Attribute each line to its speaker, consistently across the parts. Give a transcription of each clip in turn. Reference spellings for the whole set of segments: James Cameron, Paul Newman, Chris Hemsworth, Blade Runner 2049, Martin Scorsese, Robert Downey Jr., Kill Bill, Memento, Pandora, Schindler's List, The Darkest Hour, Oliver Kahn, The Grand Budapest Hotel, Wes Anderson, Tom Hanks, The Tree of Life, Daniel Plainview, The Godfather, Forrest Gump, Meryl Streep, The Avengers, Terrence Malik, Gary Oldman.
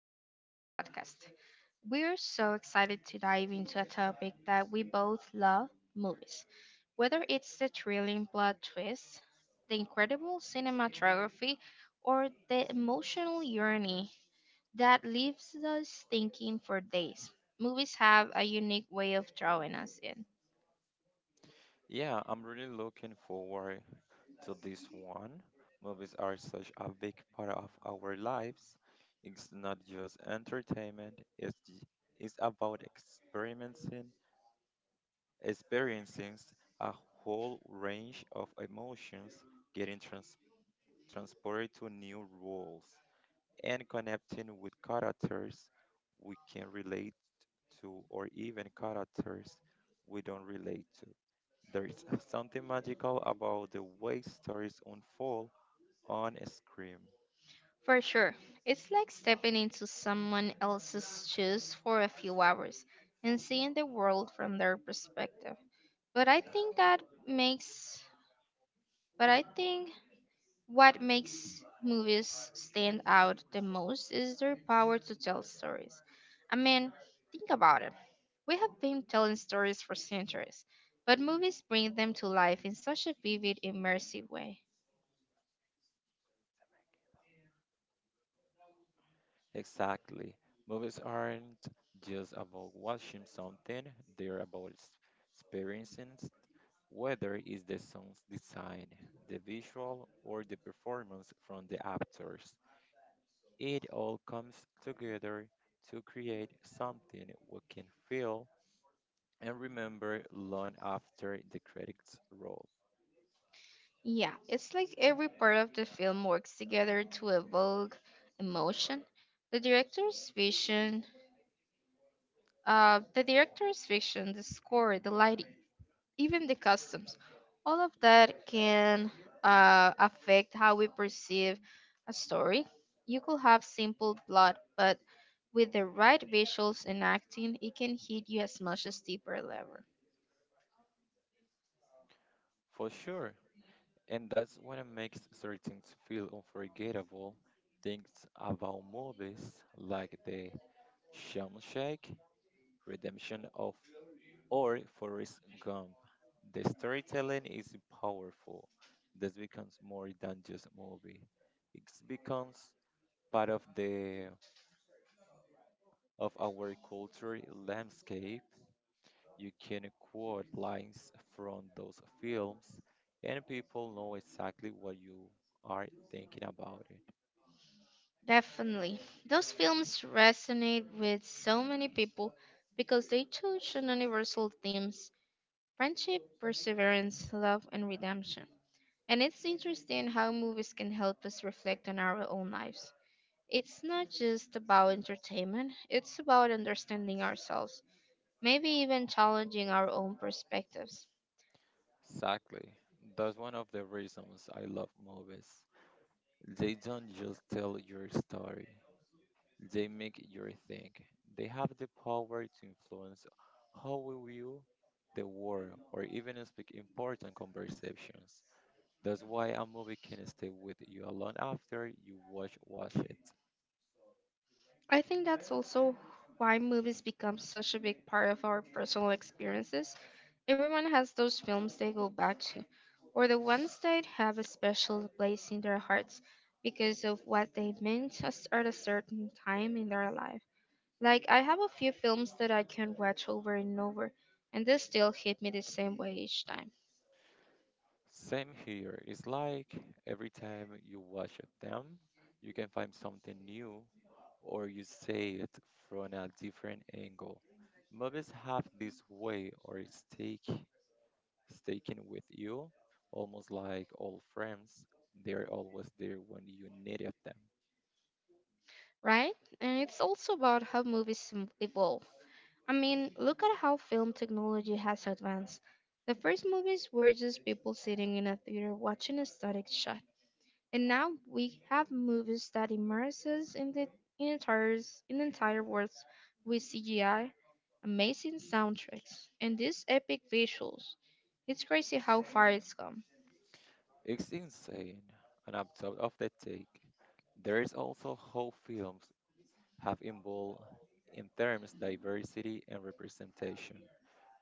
Speaker 1: of our podcast. We're so excited to dive into a topic that we both love: movies. Whether it's the thrilling plot twists, the incredible cinematography, or the emotional journey that leaves us thinking for days, movies have a unique way of drawing us in.
Speaker 2: Yeah, I'm really looking forward to this one. Movies are such a big part of our lives. It's not just entertainment, it's about experiencing a whole range of emotions, getting transported to new worlds, and connecting with characters we can relate to, or even characters we don't relate to. There's something magical about the way stories unfold on a screen.
Speaker 1: For sure. It's like stepping into someone else's shoes for a few hours and seeing the world from their perspective. But I think that makes but I think what makes movies stand out the most is their power to tell stories. I mean, think about it. We have been telling stories for centuries, but movies bring them to life in such a vivid, immersive way.
Speaker 2: Exactly. Movies aren't just about watching something, they're about experiencing it, whether it's the song's design, the visual, or the performance from the actors. It all comes together to create something we can feel and remember long after the credits roll.
Speaker 1: Yeah, it's like every part of the film works together to evoke emotion. The director's vision, the director's vision, the score, the lighting, even the costumes, all of that can affect how we perceive a story. You could have simple plot, but with the right visuals and acting, it can hit you as much as deeper level.
Speaker 2: For sure, and that's what it makes certain feel unforgettable. Things about movies like The Shawshank Redemption of or Forrest Gump. The storytelling is powerful. This becomes more than just a movie. It becomes part of our cultural landscape. You can quote lines from those films, and people know exactly what you are thinking about it.
Speaker 1: Definitely. Those films resonate with so many people because they touch on universal themes: friendship, perseverance, love, and redemption. And it's interesting how movies can help us reflect on our own lives. It's not just about entertainment, it's about understanding ourselves, maybe even challenging our own perspectives.
Speaker 2: Exactly. That's one of the reasons I love movies. They don't just tell your story, they make you think. They have the power to influence how we view the world or even speak important conversations. That's why a movie can stay with you alone after you watch it.
Speaker 1: I think that's also why movies become such a big part of our personal experiences. Everyone has those films they go back to, or the ones that have a special place in their hearts because of what they meant us at a certain time in their life. Like, I have a few films that I can watch over and over, and they still hit me the same way each time,
Speaker 2: Same here. It's like every time you watch them, you can find something new or you see it from a different angle. Movies have this way or it's take sticking with you, almost like old friends. They're always there when you needed them.
Speaker 1: right? And it's also about how evolve. I mean, look at how film technology has advanced. The first movies were just people sitting in a theater watching a static shot. And now we have movies that immerse us in entire, in entire worlds with CGI, amazing soundtracks, and these epic visuals. It's crazy how far it's come.
Speaker 2: It's insane. And on top of the take, there is also how films have evolved in terms diversity and representation.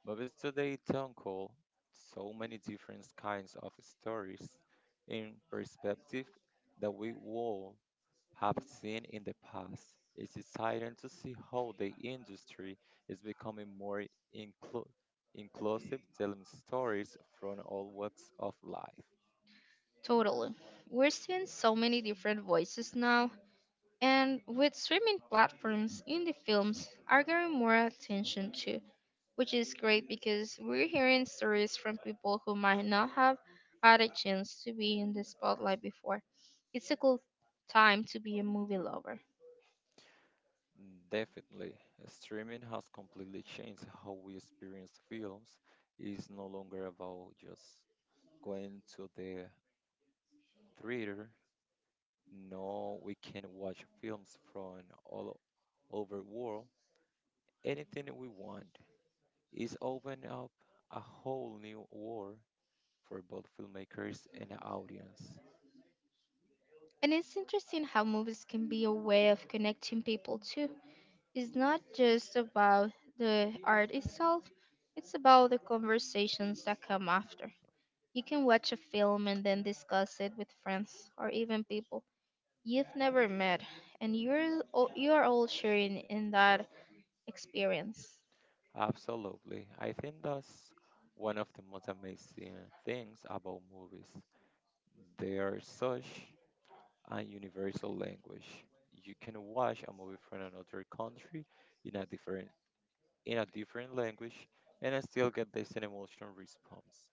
Speaker 2: But with today's town call, so many different kinds of stories in perspective that we all have seen in the past. It's exciting to see how the industry is becoming more inclu- inclusive, telling stories from all walks of life.
Speaker 1: Totally. We're seeing so many different voices now, and with streaming platforms, indie films are getting more attention too, which is great because we're hearing stories from people who might not have had a chance to be in the spotlight before. It's a cool time to be a movie lover.
Speaker 2: Definitely, streaming has completely changed how we experience films. It's no longer about just going to the theater. No, we can watch films from all over world. Anything we want. It's opened up a whole new world for both filmmakers and audience.
Speaker 1: And it's interesting how movies can be a way of connecting people too. It's not just about the art itself, it's about the conversations that come after. You can watch a film and then discuss it with friends or even people you've never met, and you're all sharing in that experience.
Speaker 2: Absolutely. I think that's one of the most amazing things about movies. They are such a universal language. You can watch a movie from another country in a different in a different language, and I still get the same emotional response.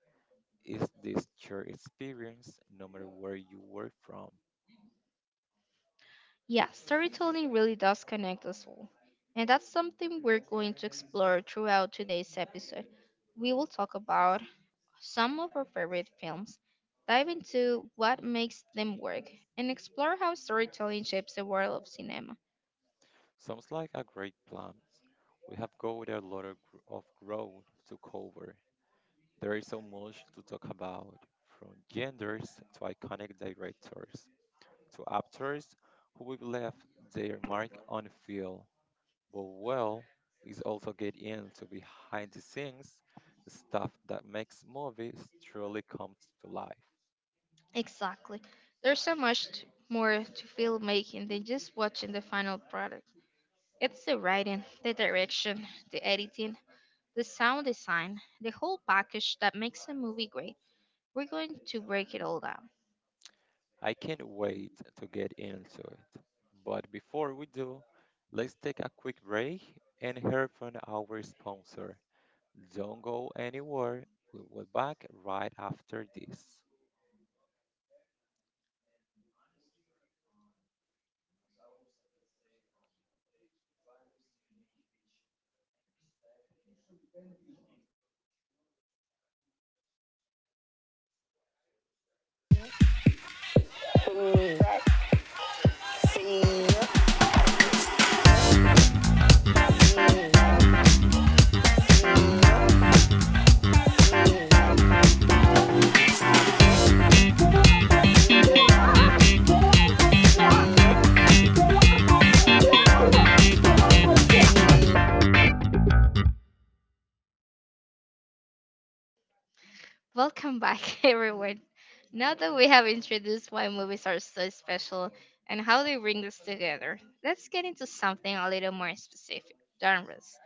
Speaker 2: Is this shared experience, no matter where you were from?
Speaker 1: Yeah, storytelling really does connect us all. And that's something we're going to explore throughout today's episode. We will talk about some of our favorite films, dive into what makes them work, and explore how storytelling shapes the world of cinema.
Speaker 2: Sounds like a great plan. We have got a lot of ground to cover. There is so much to talk about, from genders to iconic directors, to actors who have left their mark on film. Bowell is also get into behind the scenes stuff that makes movies truly come to life.
Speaker 1: Exactly. There's so much more to filmmaking than just watching the final product. It's the writing, the direction, the editing, the sound design, the whole package that makes a movie great. We're going to break it all down.
Speaker 2: I can't wait to get into it. But before we do, let's take a quick break and hear from our sponsor. Don't go anywhere. We'll be back right after this.
Speaker 1: Welcome back, everyone. Now that we have introduced why movies are so special and how they bring us together, let's get into something a little more specific: genres.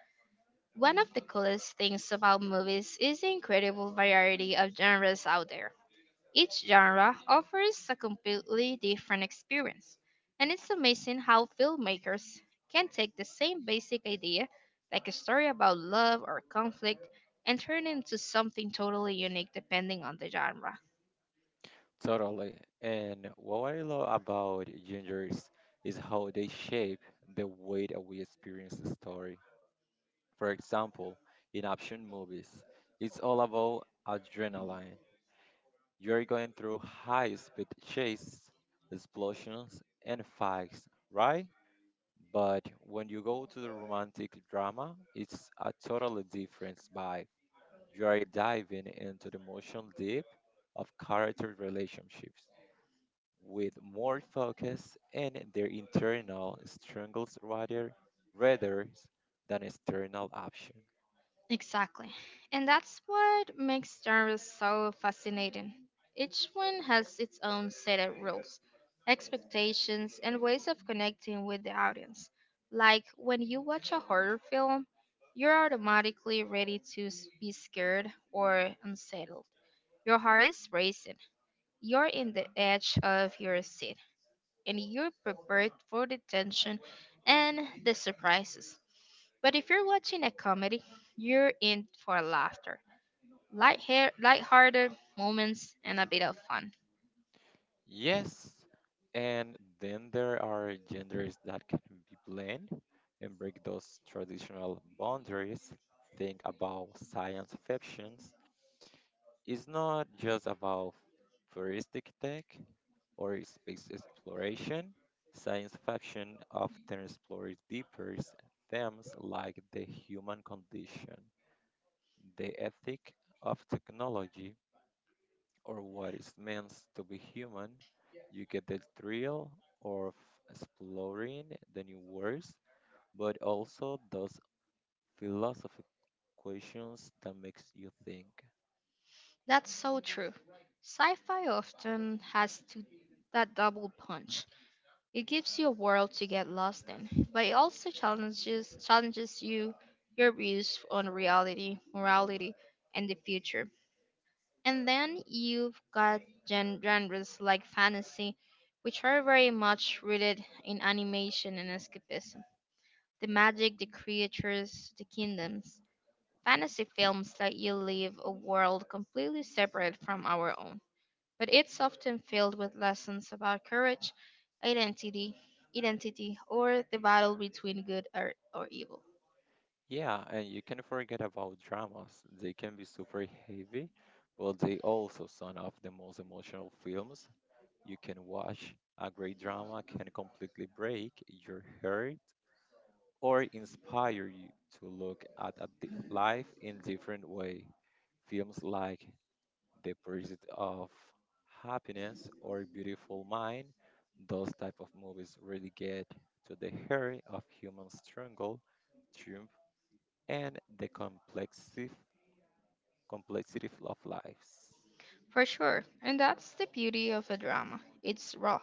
Speaker 1: One of the coolest things about movies is the incredible variety of genres out there. Each genre offers a completely different experience, and it's amazing how filmmakers can take the same basic idea, like a story about love or conflict, and turn it into something totally unique depending on the genre.
Speaker 2: Totally. And what I love about gingers is how they shape the way that we experience the story. For example, in action movies, it's all about adrenaline. You're going through high speed chase, explosions, and fights, right? But when you go to the romantic drama, it's a totally different vibe. You are diving into the emotional deep of character relationships with more focus and their internal struggles rather than external action.
Speaker 1: Exactly. And that's what makes genres so fascinating. Each one has its own set of rules, expectations, and ways of connecting with the audience. Like when you watch a horror film, you're automatically ready to be scared or unsettled. Your heart is racing, you're in the edge of your seat, and you're prepared for the tension and the surprises. But if you're watching a comedy, you're in for laughter, lighthearted moments, and a bit of fun.
Speaker 2: Yes, and then there are genders that can be blend and break those traditional boundaries. Think about science fictions. It's not just about futuristic tech or space exploration. Science fiction often explores deeper themes like the human condition, the ethic of technology, or what it means to be human. You get the thrill of exploring the new worlds, but also those philosophical questions that makes you think.
Speaker 1: That's so true. Sci-fi often has to that double punch. It gives you a world to get lost in, but it also challenges you your views on reality, morality, and the future. And then you've got genres like fantasy, which are very much rooted in animation and escapism. The magic, the creatures, the kingdoms. Fantasy films let you live a world completely separate from our own. But it's often filled with lessons about courage, identity, identity, or the battle between or evil.
Speaker 2: Yeah, and you can forget about dramas. They can be super heavy, but they also some of the most emotional films you can watch. A great drama can completely break your heart or inspire you to look at a life in different way. Films like The Pursuit of Happiness or Beautiful Mind, those type of movies really get to the heart of human struggle, triumph, and the complexity of lives.
Speaker 1: For sure, and that's the beauty of a drama. It's raw.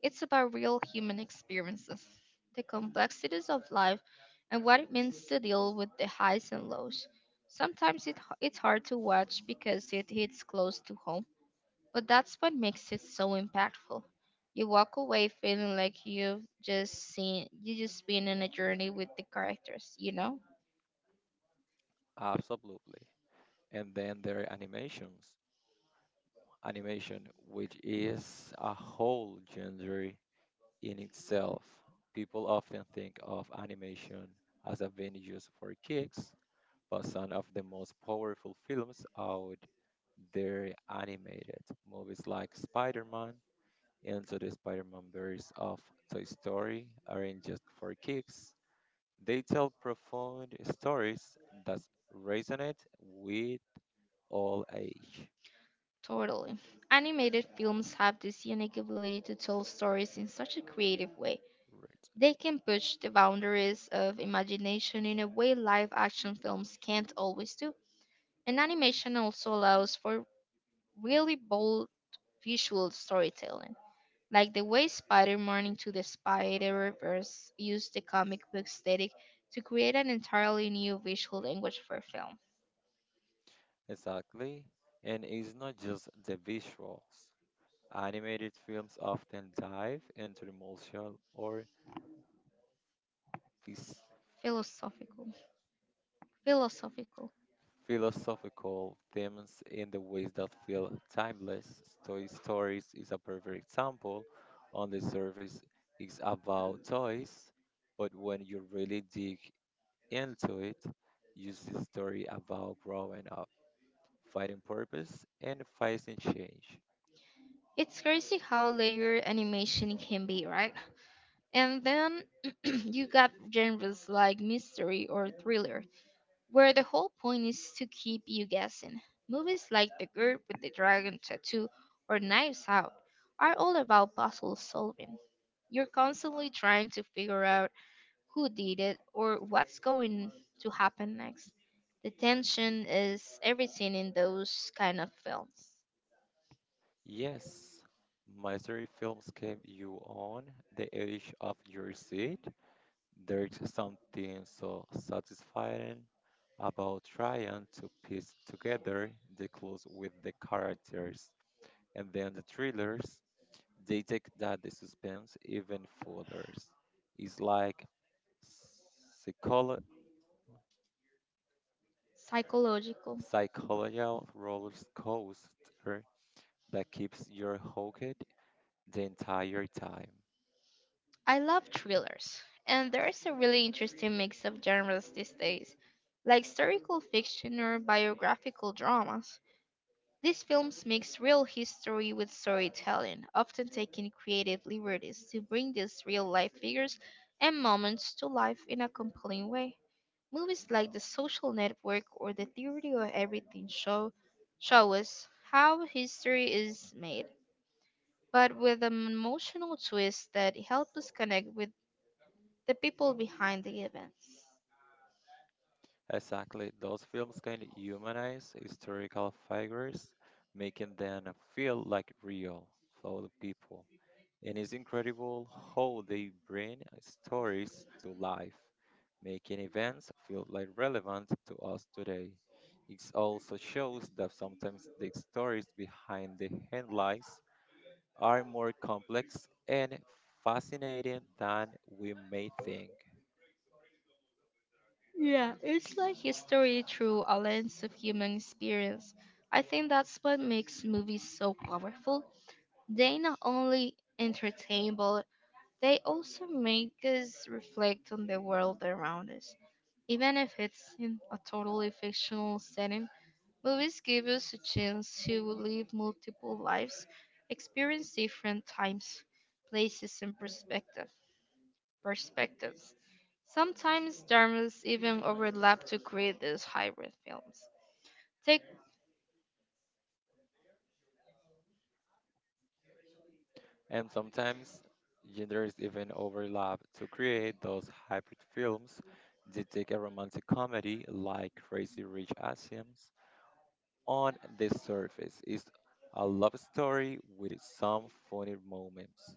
Speaker 1: It's about real human experiences, the complexities of life, and what it means to deal with the highs and lows. Sometimes it's hard to watch because it hits close to home, but that's what makes it so impactful. You walk away feeling like you just been in a journey with the characters, you know?
Speaker 2: Absolutely. And then there are animations. Animation, which is a whole genre in itself. People often think of animation as a venue just for kicks, but some of the most powerful films out there animated. Movies like Spider Man, Into the Spider Man Verse of Toy Story aren't just for kicks. They tell profound stories that resonate with all age.
Speaker 1: Totally. Animated films have this unique ability to tell stories in such a creative way. They
Speaker 2: Resonate.
Speaker 1: can push the boundaries of imagination in a way live action films can't always do. And animation also allows for really bold visual storytelling, like the way Spider Man into the Spider Verse used the comic book aesthetic to create an entirely new visual language for film.
Speaker 2: Exactly. And it's not just the visuals. Animated films often dive into the emotional or phys-
Speaker 1: Philosophical. Philosophical.
Speaker 2: philosophical themes in the ways that feel timeless. Toy Stories is a perfect example. On the surface, it's about toys, but when you really dig into it, you see a story about growing up, fighting purpose, and fighting change.
Speaker 1: It's crazy how layered animation can be, right? And then you got genres like mystery or thriller where the whole point is to keep you guessing. Movies like The Girl with the Dragon Tattoo or Knives Out are all about puzzle solving. You're constantly trying to figure out who did it or what's going to happen next. The tension is everything in those kind of films.
Speaker 2: Yes, mystery films keep you on the edge of your seat. There's something so satisfying about trying to piece together the clues with the characters. And then the thrillers, they take that the suspense even further. It's like psycholo-
Speaker 1: Psychological.
Speaker 2: psychological roller coaster that keeps your hooked the entire time.
Speaker 1: I love thrillers, and there is a really interesting mix of genres these days, like historical fiction or biographical dramas. These films mix real history with storytelling, often taking creative liberties to bring these real life figures and moments to life in a compelling way. Movies like The Social Network or The Theory of Everything show us how history is made, but with an emotional twist that helps us connect with the people behind the events.
Speaker 2: Exactly. Those films can humanize historical figures, making them feel like real, flawed people. And it's incredible how they bring stories to life, making events feel like relevant to us today. It also shows that sometimes the stories behind the headlines are more complex and fascinating than we may think.
Speaker 1: Yeah, it's like history through a lens of human experience. I think that's what makes movies so powerful. They not only entertain, but they also make us reflect on the world around us. Even if it's in a totally fictional setting, movies give us a chance to live multiple lives, experience different times, places, and perspectives. Sometimes genres even overlap to create these hybrid films. Take—
Speaker 2: And sometimes genders even overlap to create those hybrid films that take a romantic comedy like Crazy Rich Asians. On the surface, it's a love story with some funny moments.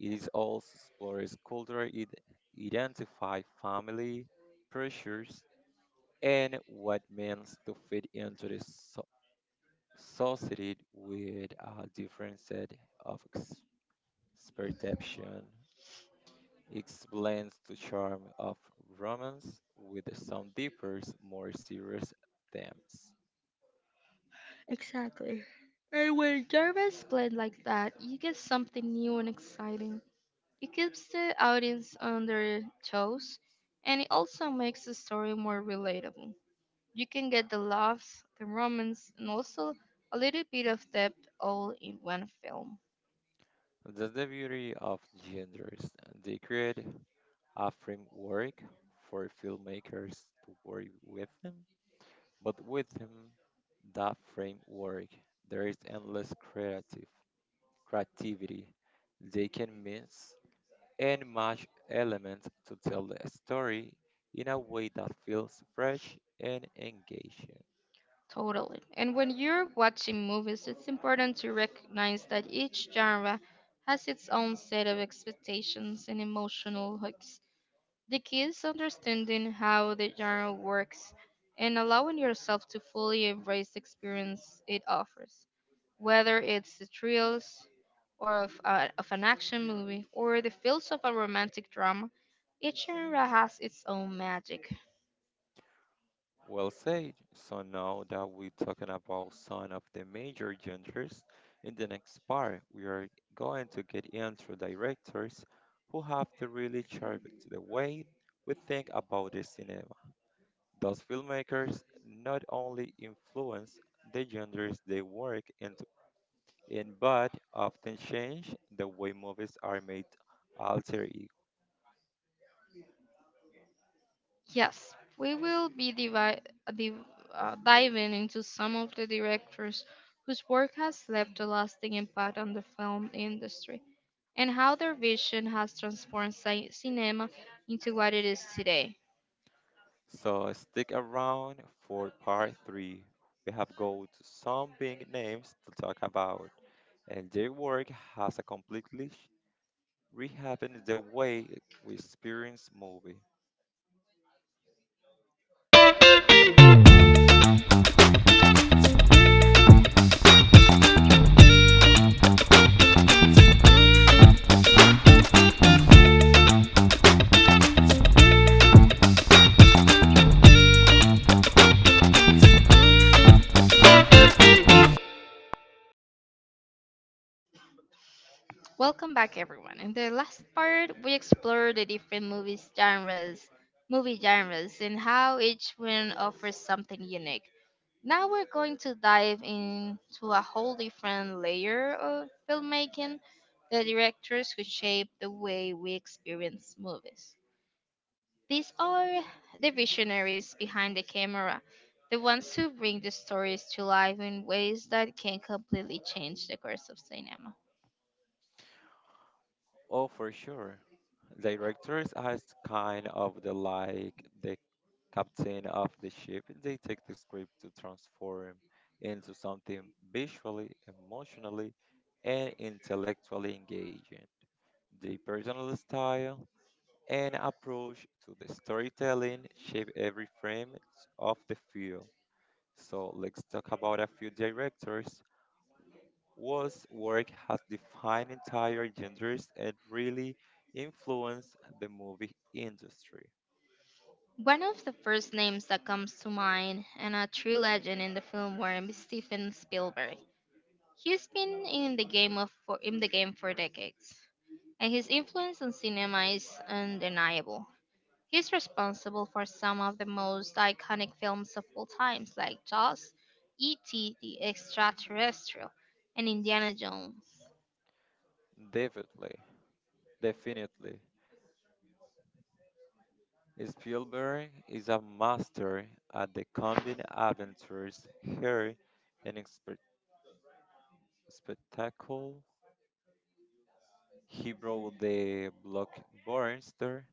Speaker 2: It is also explores cultural identify, family pressures, and what means to fit into the society with a different set of perception. It blends the charm of romance with some deeper, more serious themes.
Speaker 1: Exactly. And when genres blend like that, you get something new and exciting. It keeps the audience on their toes, and it also makes the story more relatable. You can get the laughs, the romance, and also a little bit of depth all in one film.
Speaker 2: That's the beauty of genders. They create a framework for filmmakers to work with them, but with them, that framework, there is endless creative creativity. They can mix and match elements to tell the story in a way that feels fresh and engaging.
Speaker 1: Totally. And when you're watching movies, it's important to recognize that each genre has its own set of expectations and emotional hooks. The key is understanding how the genre works and allowing yourself to fully embrace the experience it offers, whether it's the thrills of an action movie or the feels of a romantic drama. Each genre has its own magic.
Speaker 2: Well said. So now that we're talking about some of the major genders, in the next part we are going to get into directors who have to really shape the way we think about the cinema. Those filmmakers not only influence the genders they work in but often change the way movies are made alter e-,
Speaker 1: Yes, we will be div- diving into some of the directors whose work has left a lasting impact on the film industry and how their vision has transformed cinema into what it is today.
Speaker 2: So stick around for part three. We have got some big names to talk about, and their work has a completely rehappened the way we experience movie.
Speaker 1: Welcome back, everyone. In the last part, we explored the movie genres, and how each one offers something unique. Now we're going to dive into a whole different layer of filmmaking, the directors who shape the way we experience movies. These are the visionaries behind the camera, the ones who bring the stories to life in ways that can completely change the course of cinema.
Speaker 2: Oh, for sure. Directors are kind of the like the captain of the ship. They take the script to transform into something visually, emotionally, and intellectually engaging. The personal style An approach to the storytelling shape every frame of the film. So let's talk about a few directors whose work has defined entire genres and really influenced the movie industry.
Speaker 1: One of the first names that comes to mind, and a true legend in the film world, is Steven Spielberg. He's been in the game of for in the game for decades, and his influence on cinema is undeniable. He's responsible for some of the most iconic films of all times, like Jaws, E.T. the Extraterrestrial, and Indiana Jones.
Speaker 2: Definitely, definitely. Spielberg is a master at the combined adventures, here and spectacle. He brought the blockbuster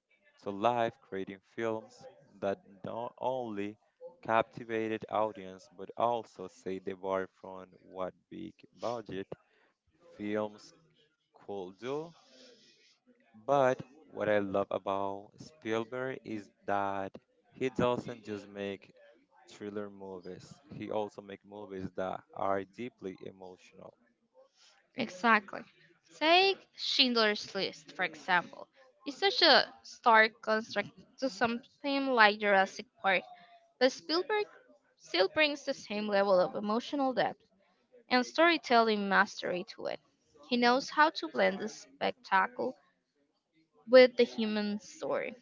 Speaker 2: to life, creating films that not only captivated audience but also set the bar from what big budget films could do. But what I love about Spielberg is that he doesn't just make thriller movies; he also makes movies that are deeply emotional.
Speaker 1: Exactly. Take Schindler's List, for example. It's such a stark contrast to something like Jurassic Park, but Spielberg still brings the same level of emotional depth and storytelling mastery to it. He knows how to blend the spectacle with the human story,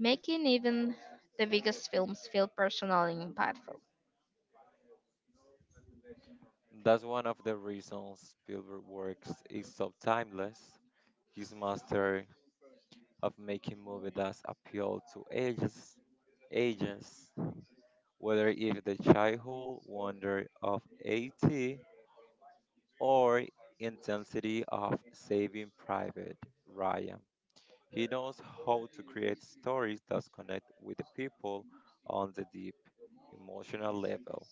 Speaker 1: making even the biggest films feel personal and impactful.
Speaker 2: That's one of the reasons Spielberg works is so timeless. His master of making movies that appeal to ages, whether it is the childhood wonder of A.T. or intensity of Saving Private Ryan. He knows how to create stories that connect with the people on the deep emotional level.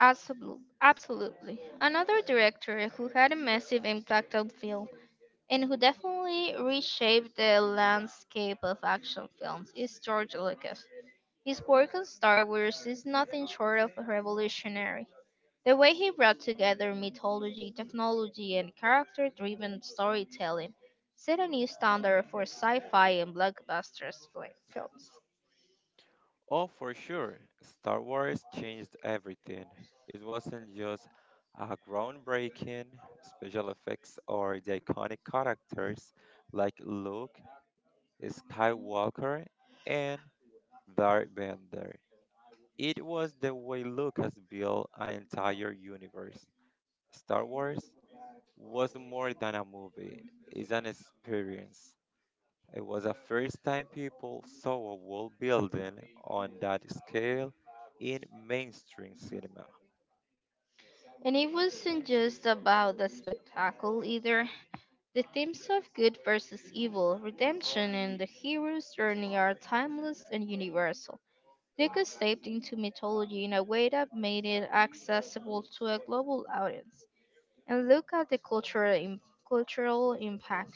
Speaker 1: Absolutely. Absolutely. Another director who had a massive impact on film and who definitely reshaped the landscape of action films is George Lucas. His work on Star Wars is nothing short of revolutionary. The way he brought together mythology, technology, and character driven storytelling set a new standard for sci fi and films.
Speaker 2: Oh, for sure. Star Wars changed everything. It wasn't just a groundbreaking special effects or the iconic characters like Luke, Skywalker, and Darth Vader. It was the way Lucas built an entire universe. Star Wars was more than a movie, it's an experience. It was the first time people saw a world building on that scale in mainstream cinema.
Speaker 1: And it wasn't just about the spectacle either. The themes of good versus evil, redemption, and the hero's journey are timeless and universal. Lucas tapped into mythology in a way that made it accessible to a global audience. And look at the cultural impact.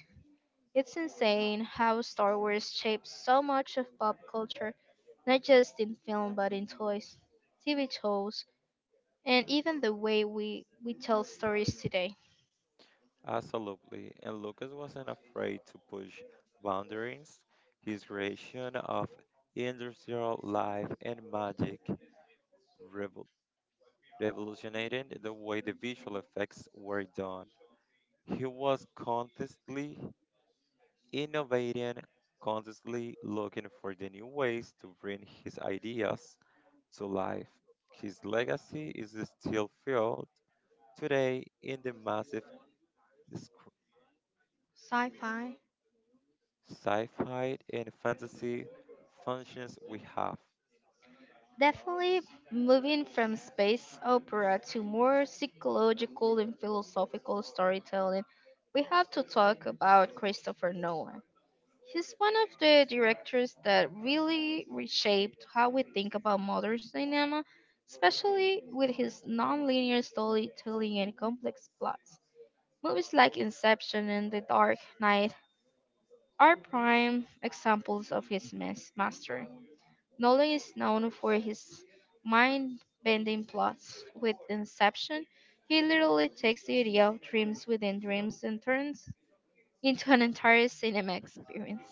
Speaker 1: It's insane how Star Wars shaped so much of pop culture, not just in film but in toys, TV shows, and even the way we tell stories today.
Speaker 2: Absolutely. And Lucas wasn't afraid to push boundaries. His creation of industrial life and magic revol- revolutionized the way the visual effects were done. He was constantly innovating, constantly looking for the new ways to bring his ideas to life. His legacy is still felt today in the massive sc-
Speaker 1: Sci fi?
Speaker 2: sci-fi and fantasy functions we have.
Speaker 1: Definitely moving from space opera to more psychological and philosophical storytelling, we have to talk about Christopher Nolan. He's one of the directors that really reshaped how we think about modern cinema, especially with his non-linear storytelling and complex plots. Movies like Inception and The Dark Knight are prime examples of his mastery. Nolan is known for his mind-bending plots. With Inception, he literally takes the idea of dreams within dreams and turns into an entire cinema experience.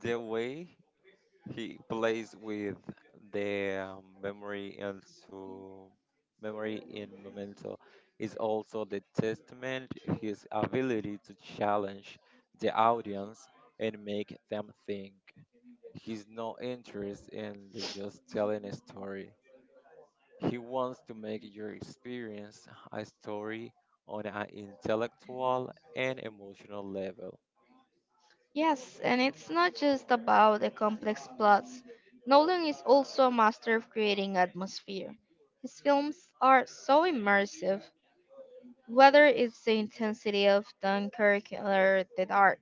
Speaker 2: The way he plays with the memory and to memory in Memento is also the testament his ability to challenge the audience and make them think. He's no interest in the just telling a story. He wants to make your experience a story on an intellectual and emotional level.
Speaker 1: Yes, and it's not just about the complex plots. Nolan is also a master of creating atmosphere. His films are so immersive, whether it's the intensity of Dunkirk or the dark,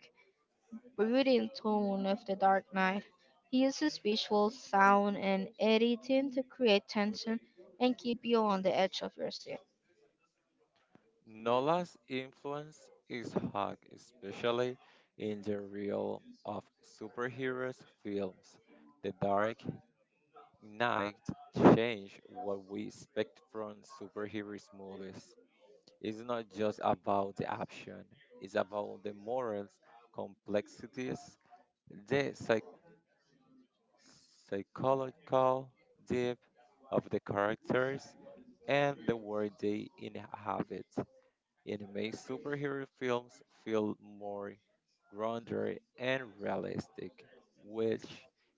Speaker 1: brooding tone of The Dark Knight. He uses visuals, sound, and editing to create tension and keep you on the edge of your seat.
Speaker 2: Nola's influence is high, especially in the realm of superheroes films. The Dark Knight changed what we expect from superheroes movies. It's not just about the action, it's about the morals, complexities, the psychological depth of the characters and the world they inhabit. It makes superhero films feel more grounded and realistic, which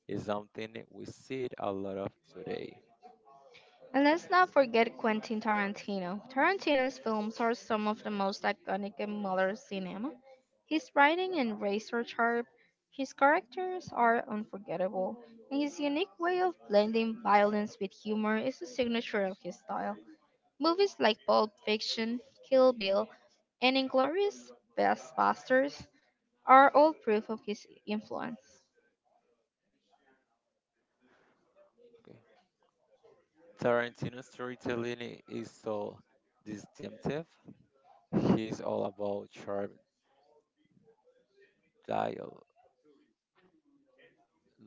Speaker 2: is something we see a lot of today.
Speaker 1: And let's not forget Quentin Tarantino. Tarantino's films are some of the most iconic in modern cinema. His writing and razor sharp, his characters are unforgettable, and his unique way of blending violence with humor is a signature of his style. Movies like Pulp Fiction, Kill Bill, and Inglorious Basters are all proof of his influence.
Speaker 2: Okay. Tarantino's storytelling is so distinctive. He's all about sharp dialogue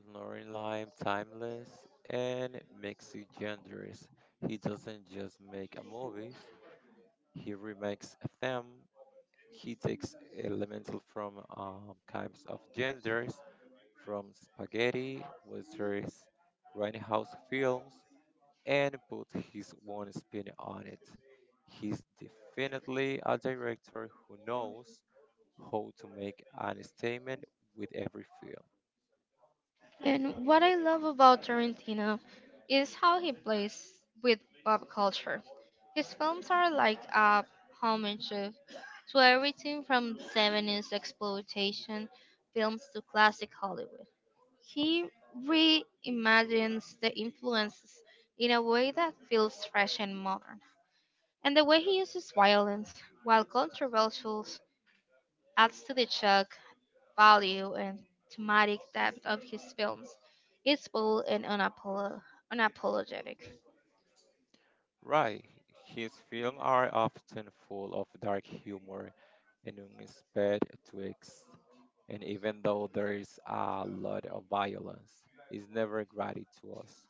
Speaker 2: Lauren Lime, timeless and mixed genders. He doesn't just make a movies; he remakes them. He takes elemental from kinds of genders, from spaghetti westerns, grindhouse films, and put his own spin on it. He's definitely a director who knows how to make an statement with every film.
Speaker 1: And what I love about Tarantino is how he plays with pop culture. His films are like a homage to everything from 70s exploitation films to classic Hollywood. He reimagines the influences in a way that feels fresh and modern. And the way he uses violence, while controversial, adds to the shock value and thematic depth of his films. It's bold and unapologetic.
Speaker 2: Right, his films are often full of dark humor and unexpected twists, and even though there is a lot of violence, it's never gratuitous.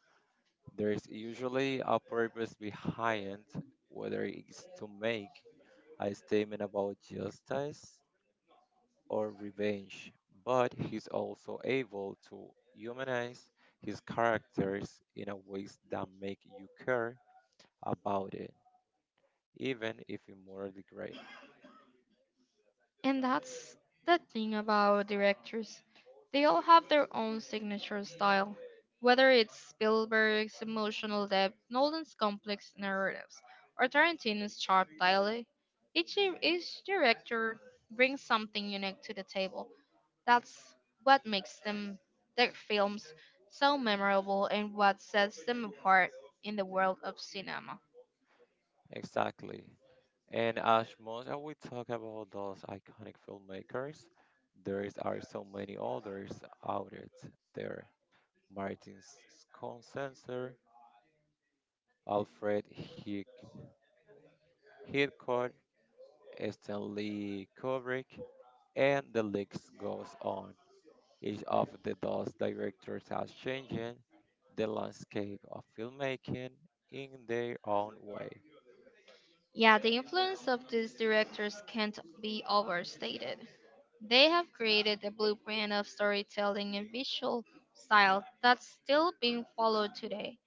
Speaker 2: There's usually a purpose behind, whether it's to make a statement about justice or revenge, but he's also able to humanize his characters in a ways that make you care about it even if we morally gray.
Speaker 1: And that's the thing about directors. They all have their own signature style, whether it's Spielberg's emotional depth, Nolan's complex narratives, or Tarantino's sharp dialogue. Each director brings something unique to the table. That's what makes them their films so memorable and what sets them apart in the world of cinema.
Speaker 2: Exactly. And as much as we talk about those iconic filmmakers, there is, are so many others there. Martin Scorsese, Alfred Hick, Hitchcock, Stanley Kubrick, and the list goes on. Each of the those directors has changed the landscape of filmmaking in their own way.
Speaker 1: Yeah, the influence of these directors can't be overstated. They have created a blueprint of storytelling and visual style that's still being followed today.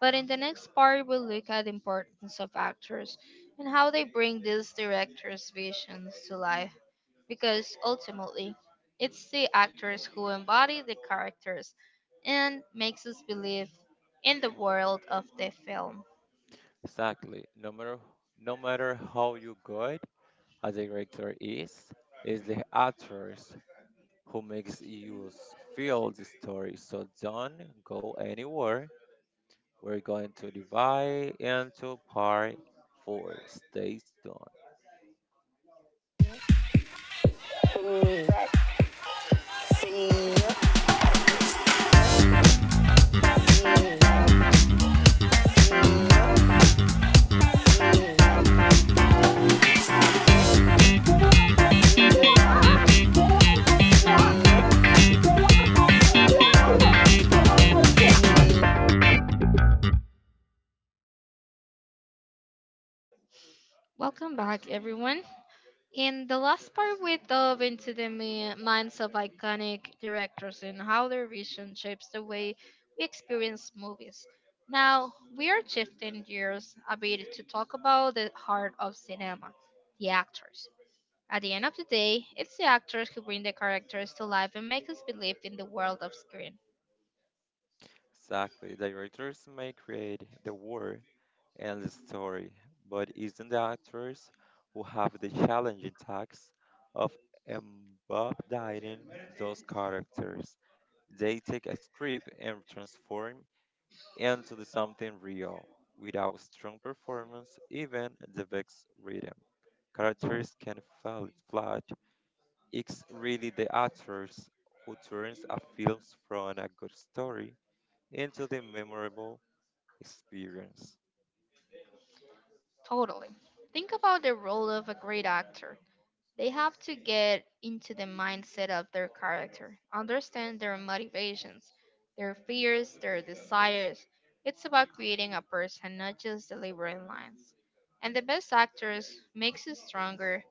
Speaker 1: But in the next part, we'll look at the importance of actors and how they bring these directors' visions to life, because ultimately it's the actors who embody the characters and makes us believe in the world of the film.
Speaker 2: Exactly. No matter how you good a director is, it's the actors who makes you feel the story. So don't go anywhere. We're going to divide into part four. Stay tuned.
Speaker 1: Welcome back everyone. In the last part we dove into the minds of iconic directors and how their vision shapes the way we experience movies. Now we are shifting gears a bit to talk about the heart of cinema, the actors. At the end of the day, it's the actors who bring the characters to life and make us believe in the world of screen.
Speaker 2: Exactly. Directors may create the world, and story, but isn't the actors who have the challenging task of embodying those characters. They take a script and transform into the something real. Without strong performance, even the best rhythm, characters can fall flat. It's really the actors who turns a film from a good story into the memorable experience.
Speaker 1: Totally. Think about the role of a great actor. They have to get into the mindset of their character, understand their motivations, their fears, their desires. It's about creating a person, not just delivering lines. And the best actors makes you stronger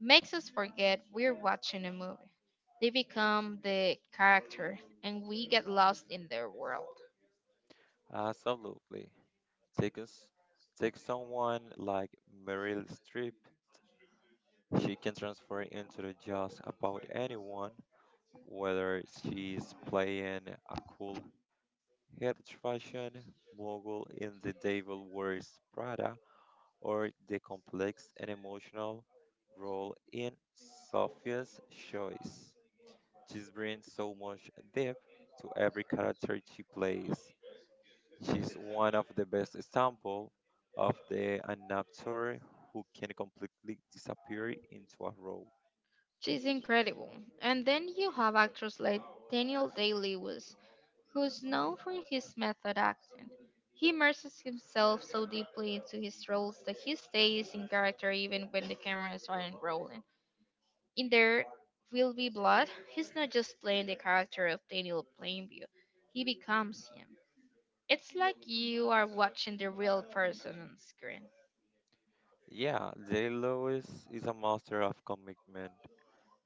Speaker 1: makes us forget we're watching a movie. They become the character, and we get lost in their world.
Speaker 2: Absolutely. Take us, take someone like Meryl Streep. She can transform into just about anyone, whether she's playing a cool head fashion mogul in the Devil Wears Prada or the complex and emotional role in Sophia's choice. She brings so much depth to every character she plays. She's one of the best example of the an actor who can completely disappear into a role.
Speaker 1: She's incredible. And then you have actors like Daniel Day Lewis, who's known for his method acting. He immerses himself so deeply into his roles that he stays in character even when the cameras aren't rolling. In There Will Be Blood, he's not just playing the character of Daniel Plainview, he becomes him. It's like you are watching the real person on screen.
Speaker 2: Yeah, J. Lewis is a master of commitment.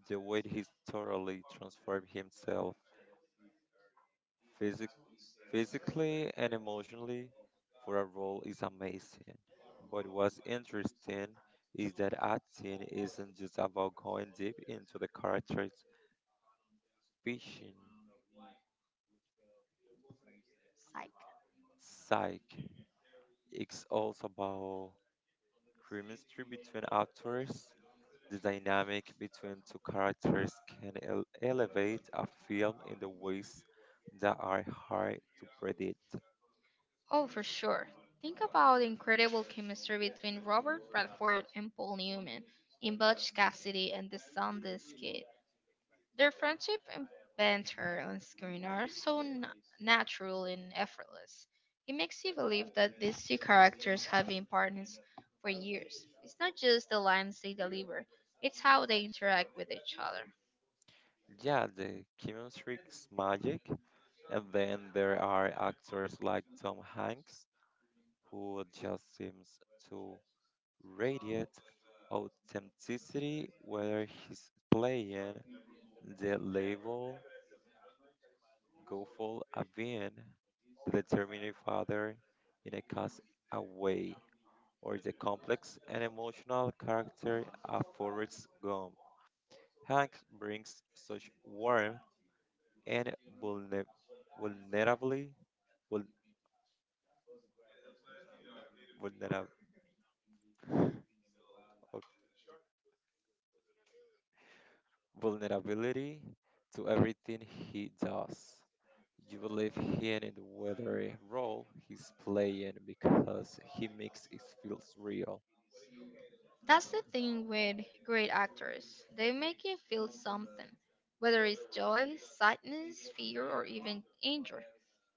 Speaker 2: The way he's totally transformed himself Physic- physically and emotionally for a role is amazing. But what's interesting is that acting isn't just about going deep into the character's vision,
Speaker 1: Psych.
Speaker 2: psyche. It's also about chemistry between actors. The dynamic between two characters can elevate a film in the ways that are hard to predict.
Speaker 1: Oh, for sure. Think about the incredible chemistry between Robert Bradford and Paul Newman in Butch Cassidy and the Sundance Kid. Their friendship and banter on screen are so natural and effortless. It makes you believe that these two characters have been partners for years. It's not just the lines they deliver, it's how they interact with each other.
Speaker 2: Yeah, the chemistry is magic, and then there are actors like Tom Hanks, who just seems to radiate authenticity, whether he's playing the level goofball Avin, the determined father in a cast away, or the complex and emotional character of Forrest Gump. Hanks brings such warmth and vulner- vulnerably, vul- vulnerab- vulnerability to everything he does. You believe him in whatever role he's playing because he makes it feels real.
Speaker 1: That's the thing with great actors. They make you feel something, whether it's joy, sadness, fear, or even anger.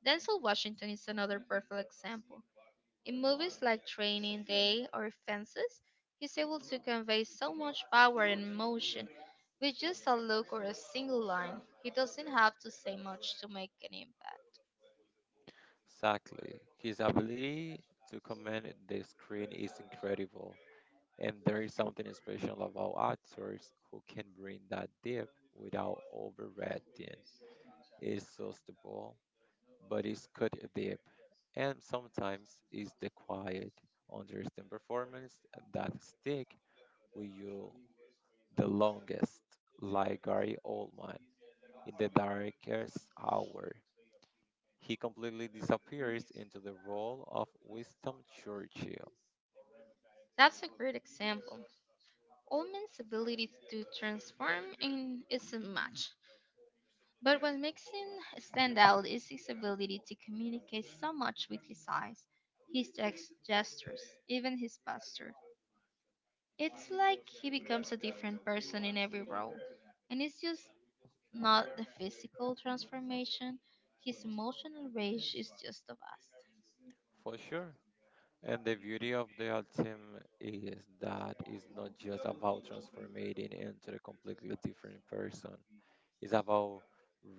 Speaker 1: Denzel Washington is another perfect example. In movies like Training Day or Fences, he's able to convey so much power and emotion with just a look or a single line. He doesn't have to say much to make an impact.
Speaker 2: Exactly. His ability to command the screen is incredible. And there is something special about actors who can bring that deep without overreacting. It's sustainable but it's cut deep, and sometimes it's the quiet, understand performance that stick with you the longest, like Gary Oldman in the darkest hour. He completely disappears into the role of Winston Churchill,
Speaker 1: That's a great example. Oldman's ability to transform in is a match. But what makes him stand out is his ability to communicate so much with his eyes, his text gestures, even his posture. It's like he becomes a different person in every role. And it's just not the physical transformation, his emotional range is just the vast.
Speaker 2: for sure. And the beauty of the ultimate is that it's not just about transforming into a completely different person. It's about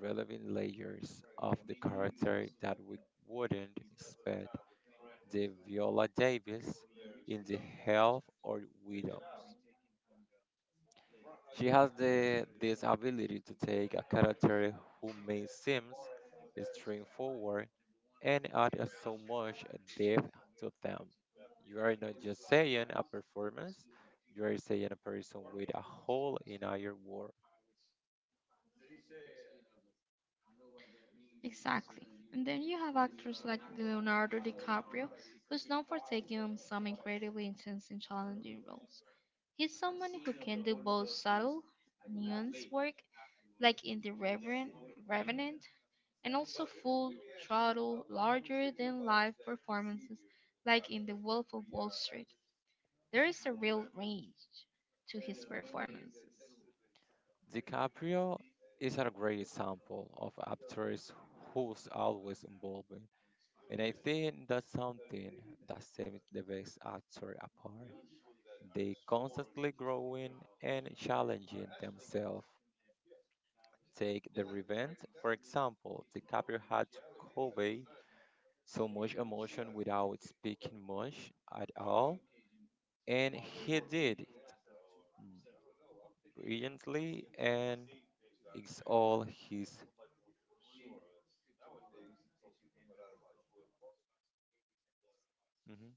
Speaker 2: relevant layers of the character that we wouldn't expect the Viola Davis in the Health or Widows. She has the this ability to take a character who may seem straightforward and add so much depth to them. You are not just saying a performance, you are saying a person with a whole inner world.
Speaker 1: Exactly. And then you have actors like Leonardo DiCaprio, who's known for taking on some incredibly intense and challenging roles. He's someone who can do both subtle, nuanced work like in Revenant, and also full throttle, larger than life performances like in The Wolf of Wall Street. There is a real range to his performances.
Speaker 2: DiCaprio is a great example of actors who's always involved, and I think that's something that sets the best actor apart. They constantly growing and challenging themselves. Take the revenge, for example, DiCaprio had to convey so much emotion without speaking much at all, and he did it brilliantly, and it's all his. Mm-hmm.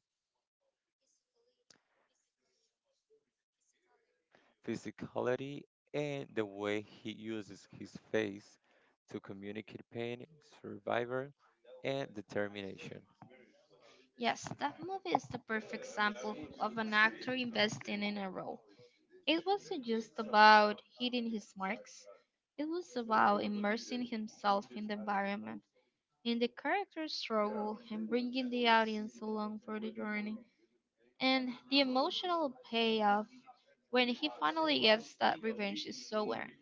Speaker 2: Physicality, and the way he uses his face to communicate pain, survival, and determination.
Speaker 1: Yes, that movie is the perfect example of an actor investing in a role. It wasn't just about hitting his marks, it was about immersing himself in the environment, in the character's struggle, and bringing the audience along for the journey. And the emotional payoff when he finally gets that revenge is so earned.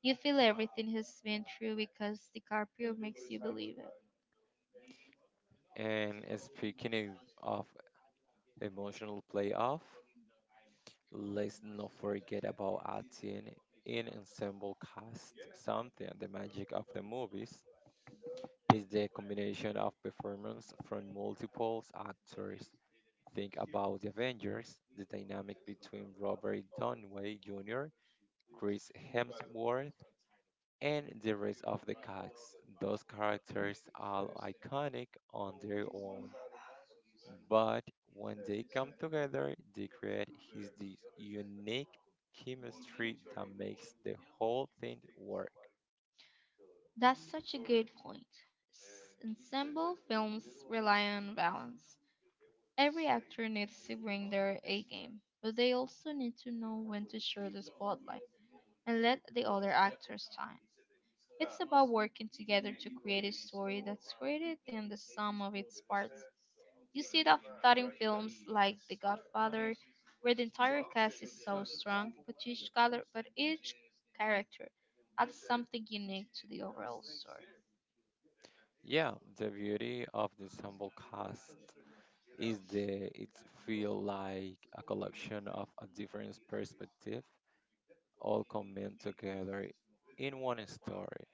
Speaker 1: You feel everything he's been through because DiCaprio makes you believe it.
Speaker 2: And speaking of emotional playoff, let's not forget about acting in ensemble cast. Something the magic of the movies is the combination of performance from multiple actors. Think about the Avengers, the dynamic between Robert Downey Jr. Chris Hemsworth, and the rest of the cast. Those characters are iconic on their own, but when they come together, they create his this unique chemistry that makes the whole thing work.
Speaker 1: That's such a good point. Ensemble films rely on balance. Every actor needs to bring their A game, but they also need to know when to share the spotlight and let the other actors shine. It's about working together to create a story that's greater than the sum of its parts. You see that in films like The Godfather, where the entire cast is so strong, but each character adds something unique to the overall story.
Speaker 2: Yeah, the beauty of the ensemble cast is the it's feel like a collection of a different perspective all come in together in one story.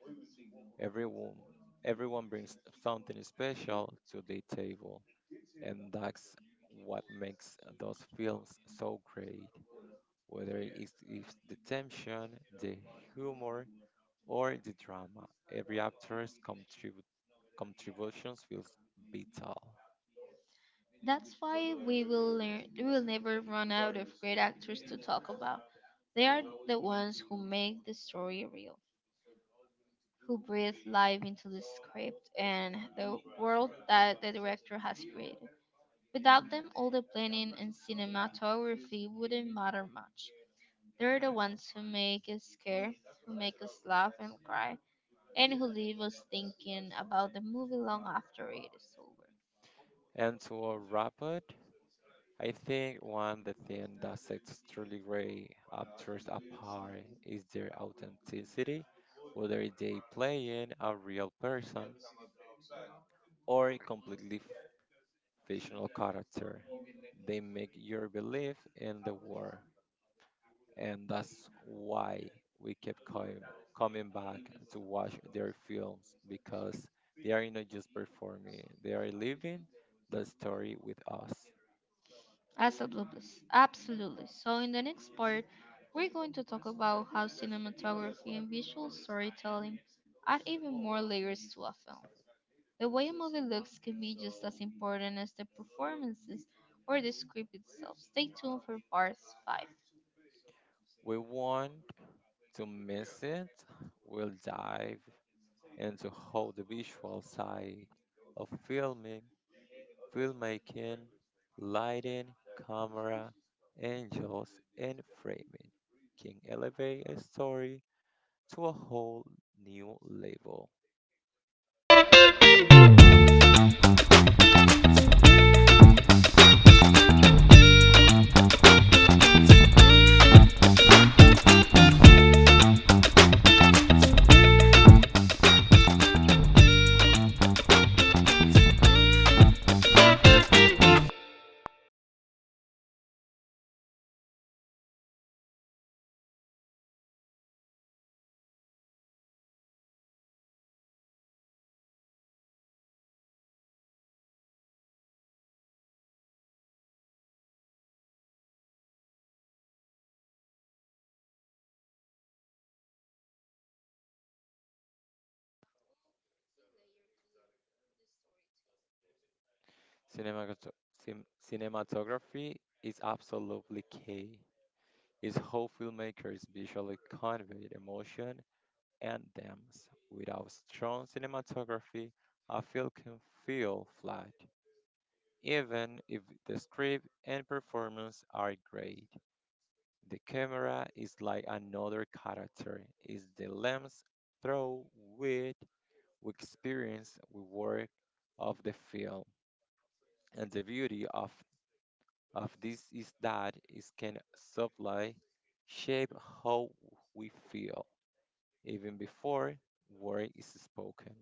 Speaker 2: Everyone, everyone brings something special to the table, and that's what makes those films so great. Whether it's the tension, the humor, or the drama, every actor's contributions feels vital.
Speaker 1: That's why we will never run out of great actors to talk about. They are the ones who make the story real, who breathe life into the script and the world that the director has created. Without them, all the planning and cinematography wouldn't matter much. They're the ones who make us scared, who make us laugh and cry, and who leave us thinking about the movie long after it is over.
Speaker 2: And to wrap it, I think one the thing that sets truly great actors apart is their authenticity, whether they play in a real person or a completely fictional character. They make your belief in the world, and that's why we keep coming back to watch their films because they are not just performing, they are living the story with us.
Speaker 1: Absolutely, absolutely. So, in the next part, we're going to talk about how cinematography and visual storytelling add even more layers to a film. The way a movie looks can be just as important as the performances or the script itself. Stay tuned for part 5.
Speaker 2: We want to miss it. We'll dive and so how the visual side of filmmaking, lighting, camera, angles, and framing can elevate a story to a whole new level. Cinemagato- cinematography is absolutely key. It's how filmmakers visually convey emotion and themes. Without strong cinematography, a film can feel flat. Even if the script and performance are great, the camera is like another character. It's the lens through which we experience the work of the film. And the beauty of this is that it can subtly shape how we feel even before word is spoken.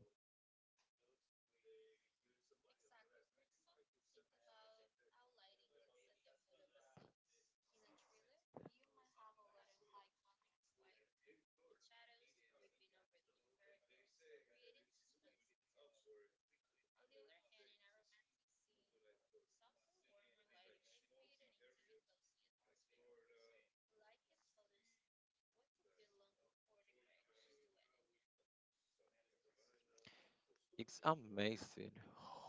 Speaker 2: It's amazing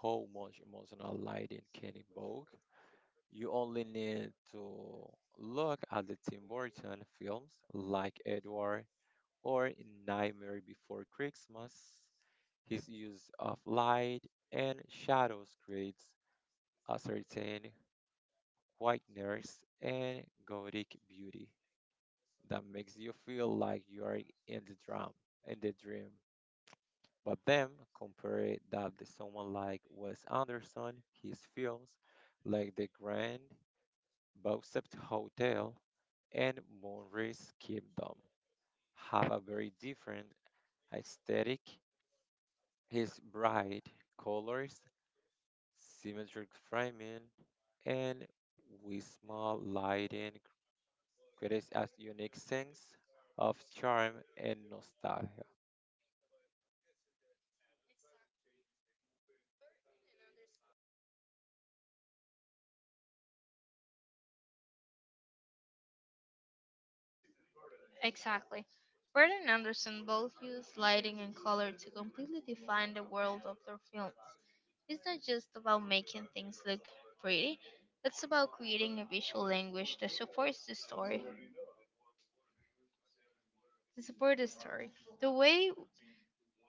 Speaker 2: how much emotional lighting can evoke. You only need to look at the Tim Burton films like Edward or Nightmare Before Christmas. His use of light and shadows creates a certain quietness and gothic beauty that makes you feel like you are in the drum, in the dream. But then compare that to someone like Wes Anderson, his films like The Grand Budapest Hotel and Moonrise Kingdom have a very different aesthetic. His bright colors, symmetric framing, and with small lighting creates a unique sense of charm and nostalgia.
Speaker 1: Exactly. Bird and Anderson both use lighting and color to completely define the world of their films. It's not just about making things look pretty, it's about creating a visual language that supports the story. To support the story. The way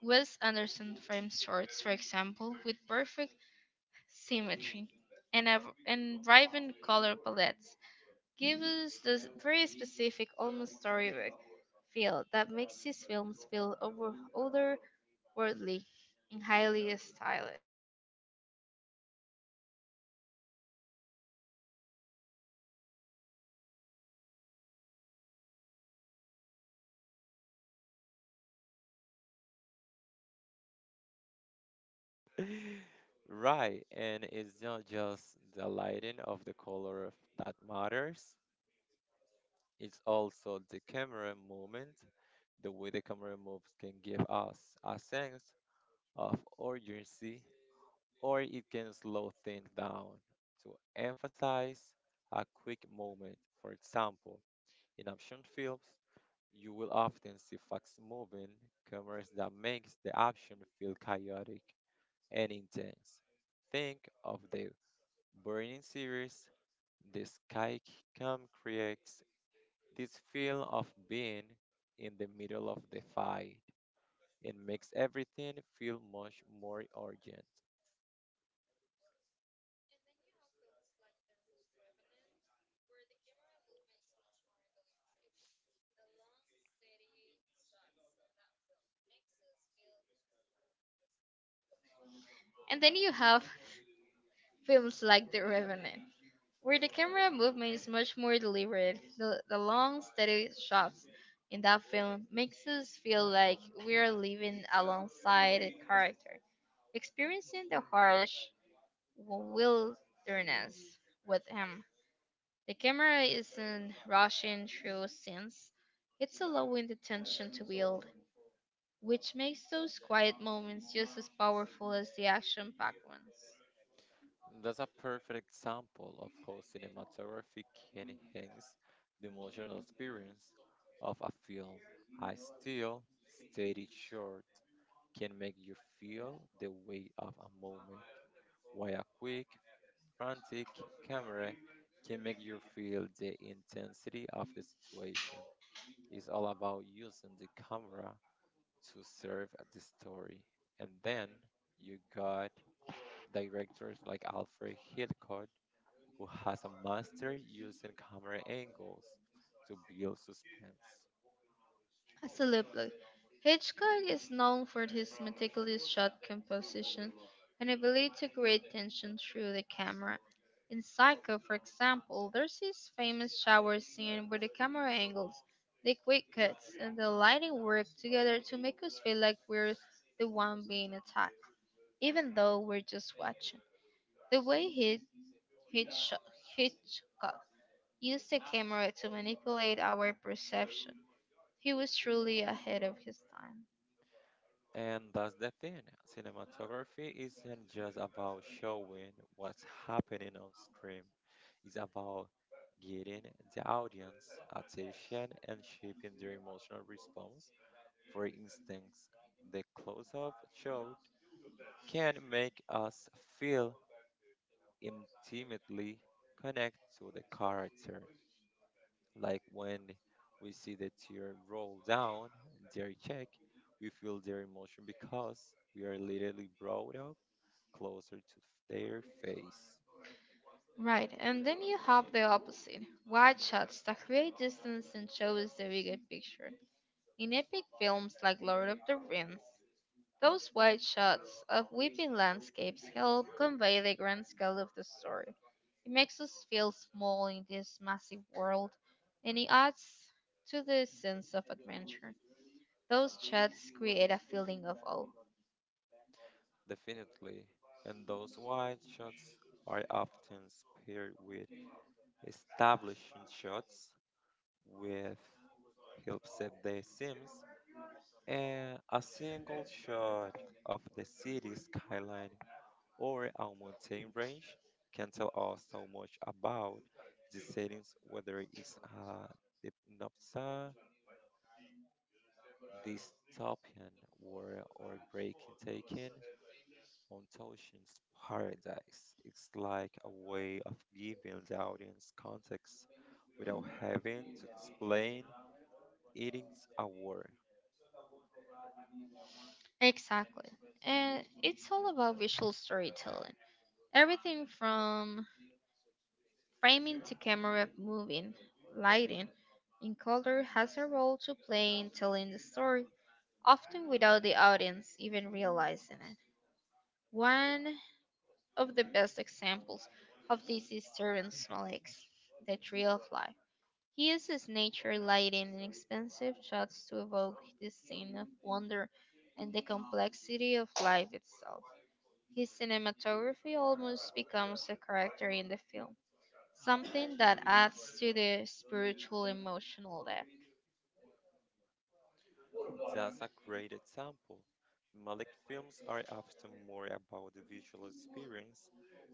Speaker 1: Wes Anderson frames shorts, for example, with perfect symmetry and, a, and vibrant color palettes, gives us this very specific, almost storybook feel that makes his films feel over otherworldly and highly stylish.
Speaker 2: Right, and it's not just the lighting of the color of- that matters, it's also the camera movement. The way the camera moves can give us a sense of urgency, or it can slow things down to emphasize a quick moment. For example, in action films, you will often see fast moving cameras that makes the action feel chaotic and intense. Think of the Burning series, calm creates this feel of being in the middle of the fight and makes everything feel much more urgent.
Speaker 1: And then you have films like The Revenant, where the camera movement is much more deliberate. The long, steady shots in that film makes us feel like we are living alongside a character, experiencing the harsh wilderness with him. The camera isn't rushing through scenes, it's allowing the tension to build, which makes those quiet moments just as powerful as the action packed ones.
Speaker 2: That's a perfect example of how cinematography can enhance the emotional experience of a film. I still, steady short, can make you feel the weight of a moment. Why a quick, frantic camera can make you feel the intensity of the situation. It's all about using the camera to serve the story. And then you got directors like Alfred Hitchcock, who has a master using camera angles to build suspense.
Speaker 1: Absolutely. Hitchcock is known for his meticulous shot composition and ability to create tension through the camera. In Psycho, for example, there's his famous shower scene where the camera angles, the quick cuts, and the lighting work together to make us feel like we're the one being attacked, even though we're just watching. The way Hitchco- Hitchcock used the camera to manipulate our perception, he was truly ahead of his time.
Speaker 2: And that's the thing. Cinematography isn't just about showing what's happening on screen. It's about getting the audience attention and shaping their emotional response. For instance, the close-up shot can make us feel intimately connected to the character like when we see the tear roll down their cheek, we feel their emotion because we are literally brought up closer to their face.
Speaker 1: Right, and then you have the opposite wide shots that create distance and show us the bigger picture. In epic films like Lord of the Rings, those wide shots of weeping landscapes help convey the grand scale of the story. It makes us feel small in this massive world, and it adds to the sense of adventure. Those shots create a feeling of awe.
Speaker 2: Definitely. And those wide shots are often paired with establishing shots with help set the seams and a single shot of the city skyline or our mountain range can tell us so much about the settings, whether it's the Nopsa, dystopian war, or breaking taken on Toshin's paradise. It's like a way of giving the audience context without having to explain it is a war.
Speaker 1: Exactly. And it's all about visual storytelling. Everything from framing to camera moving, lighting, and color has a role to play in telling the story, often without the audience even realizing it. One of the best examples of this is Terrence Malick's The Tree of Life. He uses nature, lighting, and expensive shots to evoke the scene of wonder and the complexity of life itself. His cinematography almost becomes a character in the film, something that adds to the spiritual emotional depth.
Speaker 2: That's a great example. Malik films are often more about the visual experience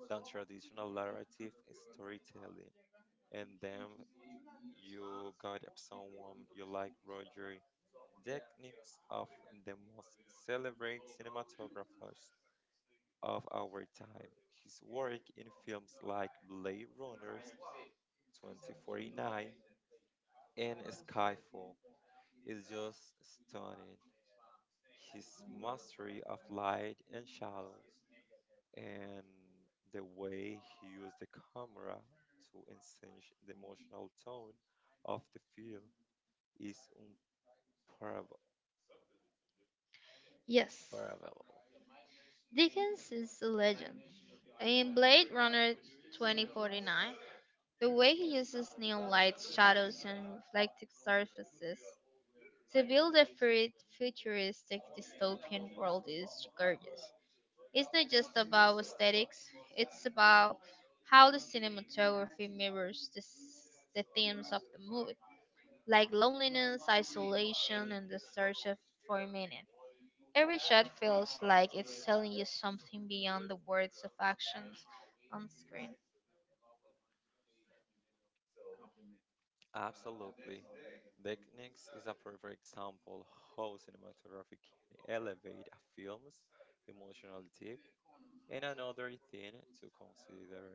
Speaker 2: than traditional narrative storytelling. And then you got someone you like, Roger Deakins, of the most celebrated cinematographers of our time. His work in films like Blade Runners 2049 and Skyfall is just stunning. His mastery of light and shadows, and the way he used the camera to enhance the emotional tone of the film is unparalleled.
Speaker 1: Yes,
Speaker 2: Parallel.
Speaker 1: Dickens is a legend. In Blade Runner 2049, the way he uses neon lights, shadows, and reflective surfaces to build a futuristic dystopian world is gorgeous. It's not just about aesthetics, it's about how the cinematography mirrors the themes of the movie, like loneliness, isolation, and the for meaning. Every shot feels like it's telling you something beyond the words of actions on screen.
Speaker 2: Absolutely. Techniques is a perfect example how cinematography can elevate a film's emotional depth. And another thing to consider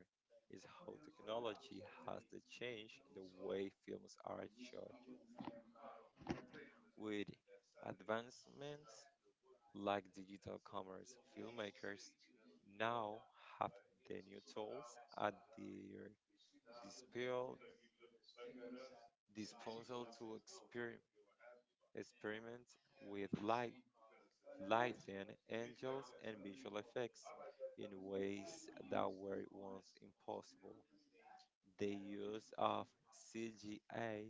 Speaker 2: is how technology has to change the way films are shot. With advancements like digital cameras, filmmakers now have the new tools at their disposal disposal to experiment with lighting, angles, and visual effects in ways that were once impossible. The use of CGI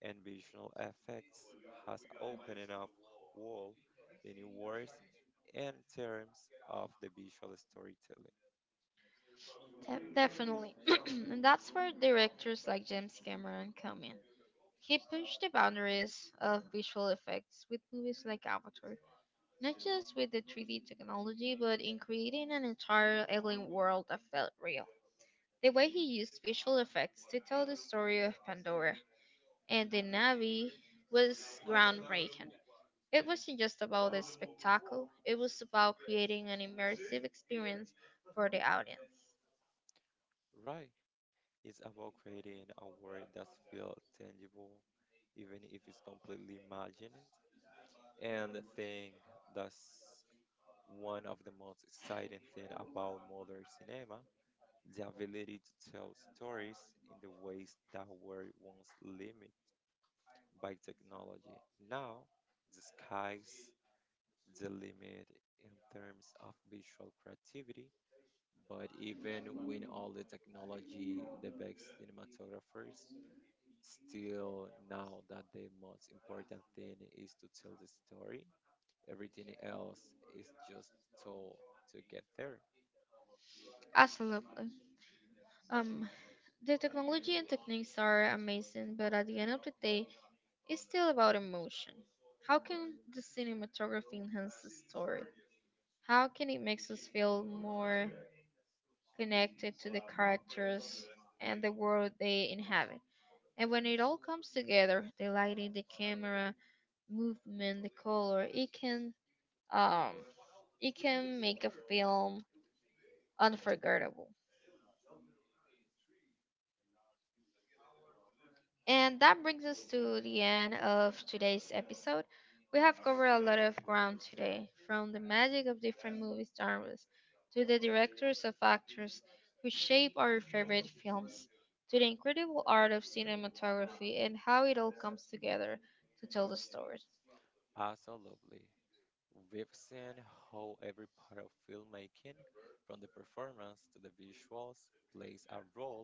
Speaker 2: and visual effects has opened up whole the new worlds in terms of the visual storytelling.
Speaker 1: Definitely. And that's where directors like James Cameron come in. He pushed the boundaries of visual effects with movies like Avatar, not just with the 3D technology, but in creating an entire alien world that felt real. The way he used visual effects to tell the story of Pandora and the Navi was groundbreaking. It wasn't just about the spectacle, it was about creating an immersive experience for the audience.
Speaker 2: Right, it's about creating a world that feels tangible, even if it's completely imagined. And I think that's one of the most exciting things about modern cinema, the ability to tell stories in the ways that were once limited by technology. Now, the sky's the limit in terms of visual creativity, but even when all the technology, the best cinematographers, still now that the most important thing is to tell the story, everything else is just told to get there.
Speaker 1: Absolutely. Um, The technology and techniques are amazing, but at the end of the day, it's still about emotion. How can the cinematography enhance the story? How can it make us feel more connected to the characters and the world they inhabit? And when it all comes together, the lighting, the camera, movement, the color, um, it can make a film unforgettable. And that brings us to the end of today's episode. We have covered a lot of ground today, from the magic of different movie genres, to the directors of actors who shape our favorite films, to the incredible art of cinematography and how it all comes together to tell the story.
Speaker 2: Absolutely. We've seen how every part of filmmaking, from the performance to the visuals, plays a role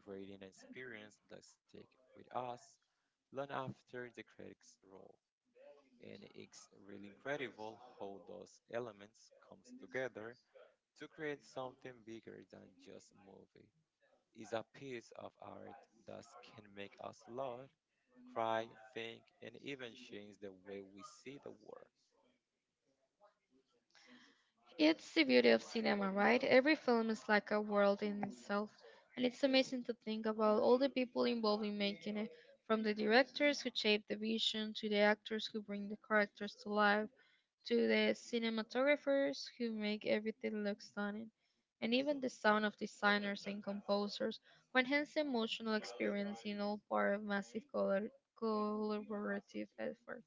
Speaker 2: creating an experience that stick with us long after the credits roll. And it's really incredible how those elements comes together to create something bigger than just a movie. It's a piece of art that can make us laugh, cry, think, and even change the way we see the world.
Speaker 1: It's the beauty of cinema, right? Every film is like a world in itself, and it's amazing to think about all the people involved in making it, from the directors who shape the vision, to the actors who bring the characters to life, to the cinematographers who make everything look stunning, and even the sound of designers and composers who enhance the emotional experience in all part of collaborative effort.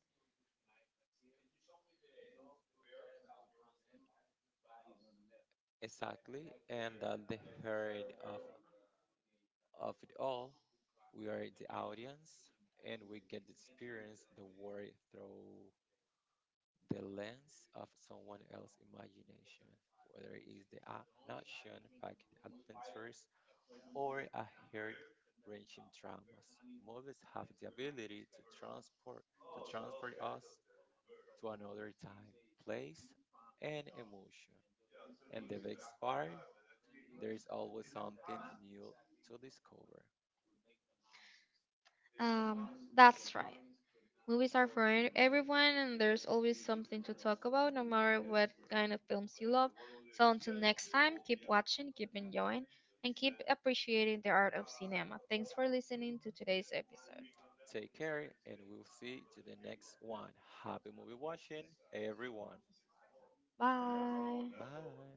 Speaker 2: Exactly, and at the heart of it all we are the audience and we get to experience the world through the lens of someone else's imagination, whether it is the an action packed adventures or a hair wrenching dramas. Movies have the ability to transport us to another time, place, and emotion. And the best part, there is always something new to discover.
Speaker 1: Um, that's right. Movies are for everyone, and there's always something to talk about, no matter what kind of films you love. So until next time, keep watching, keep enjoying, and keep appreciating the art of cinema. Thanks for listening to today's episode.
Speaker 2: Take care, and we'll see to the next one. Happy movie watching, everyone.
Speaker 1: Bye.
Speaker 2: Bye.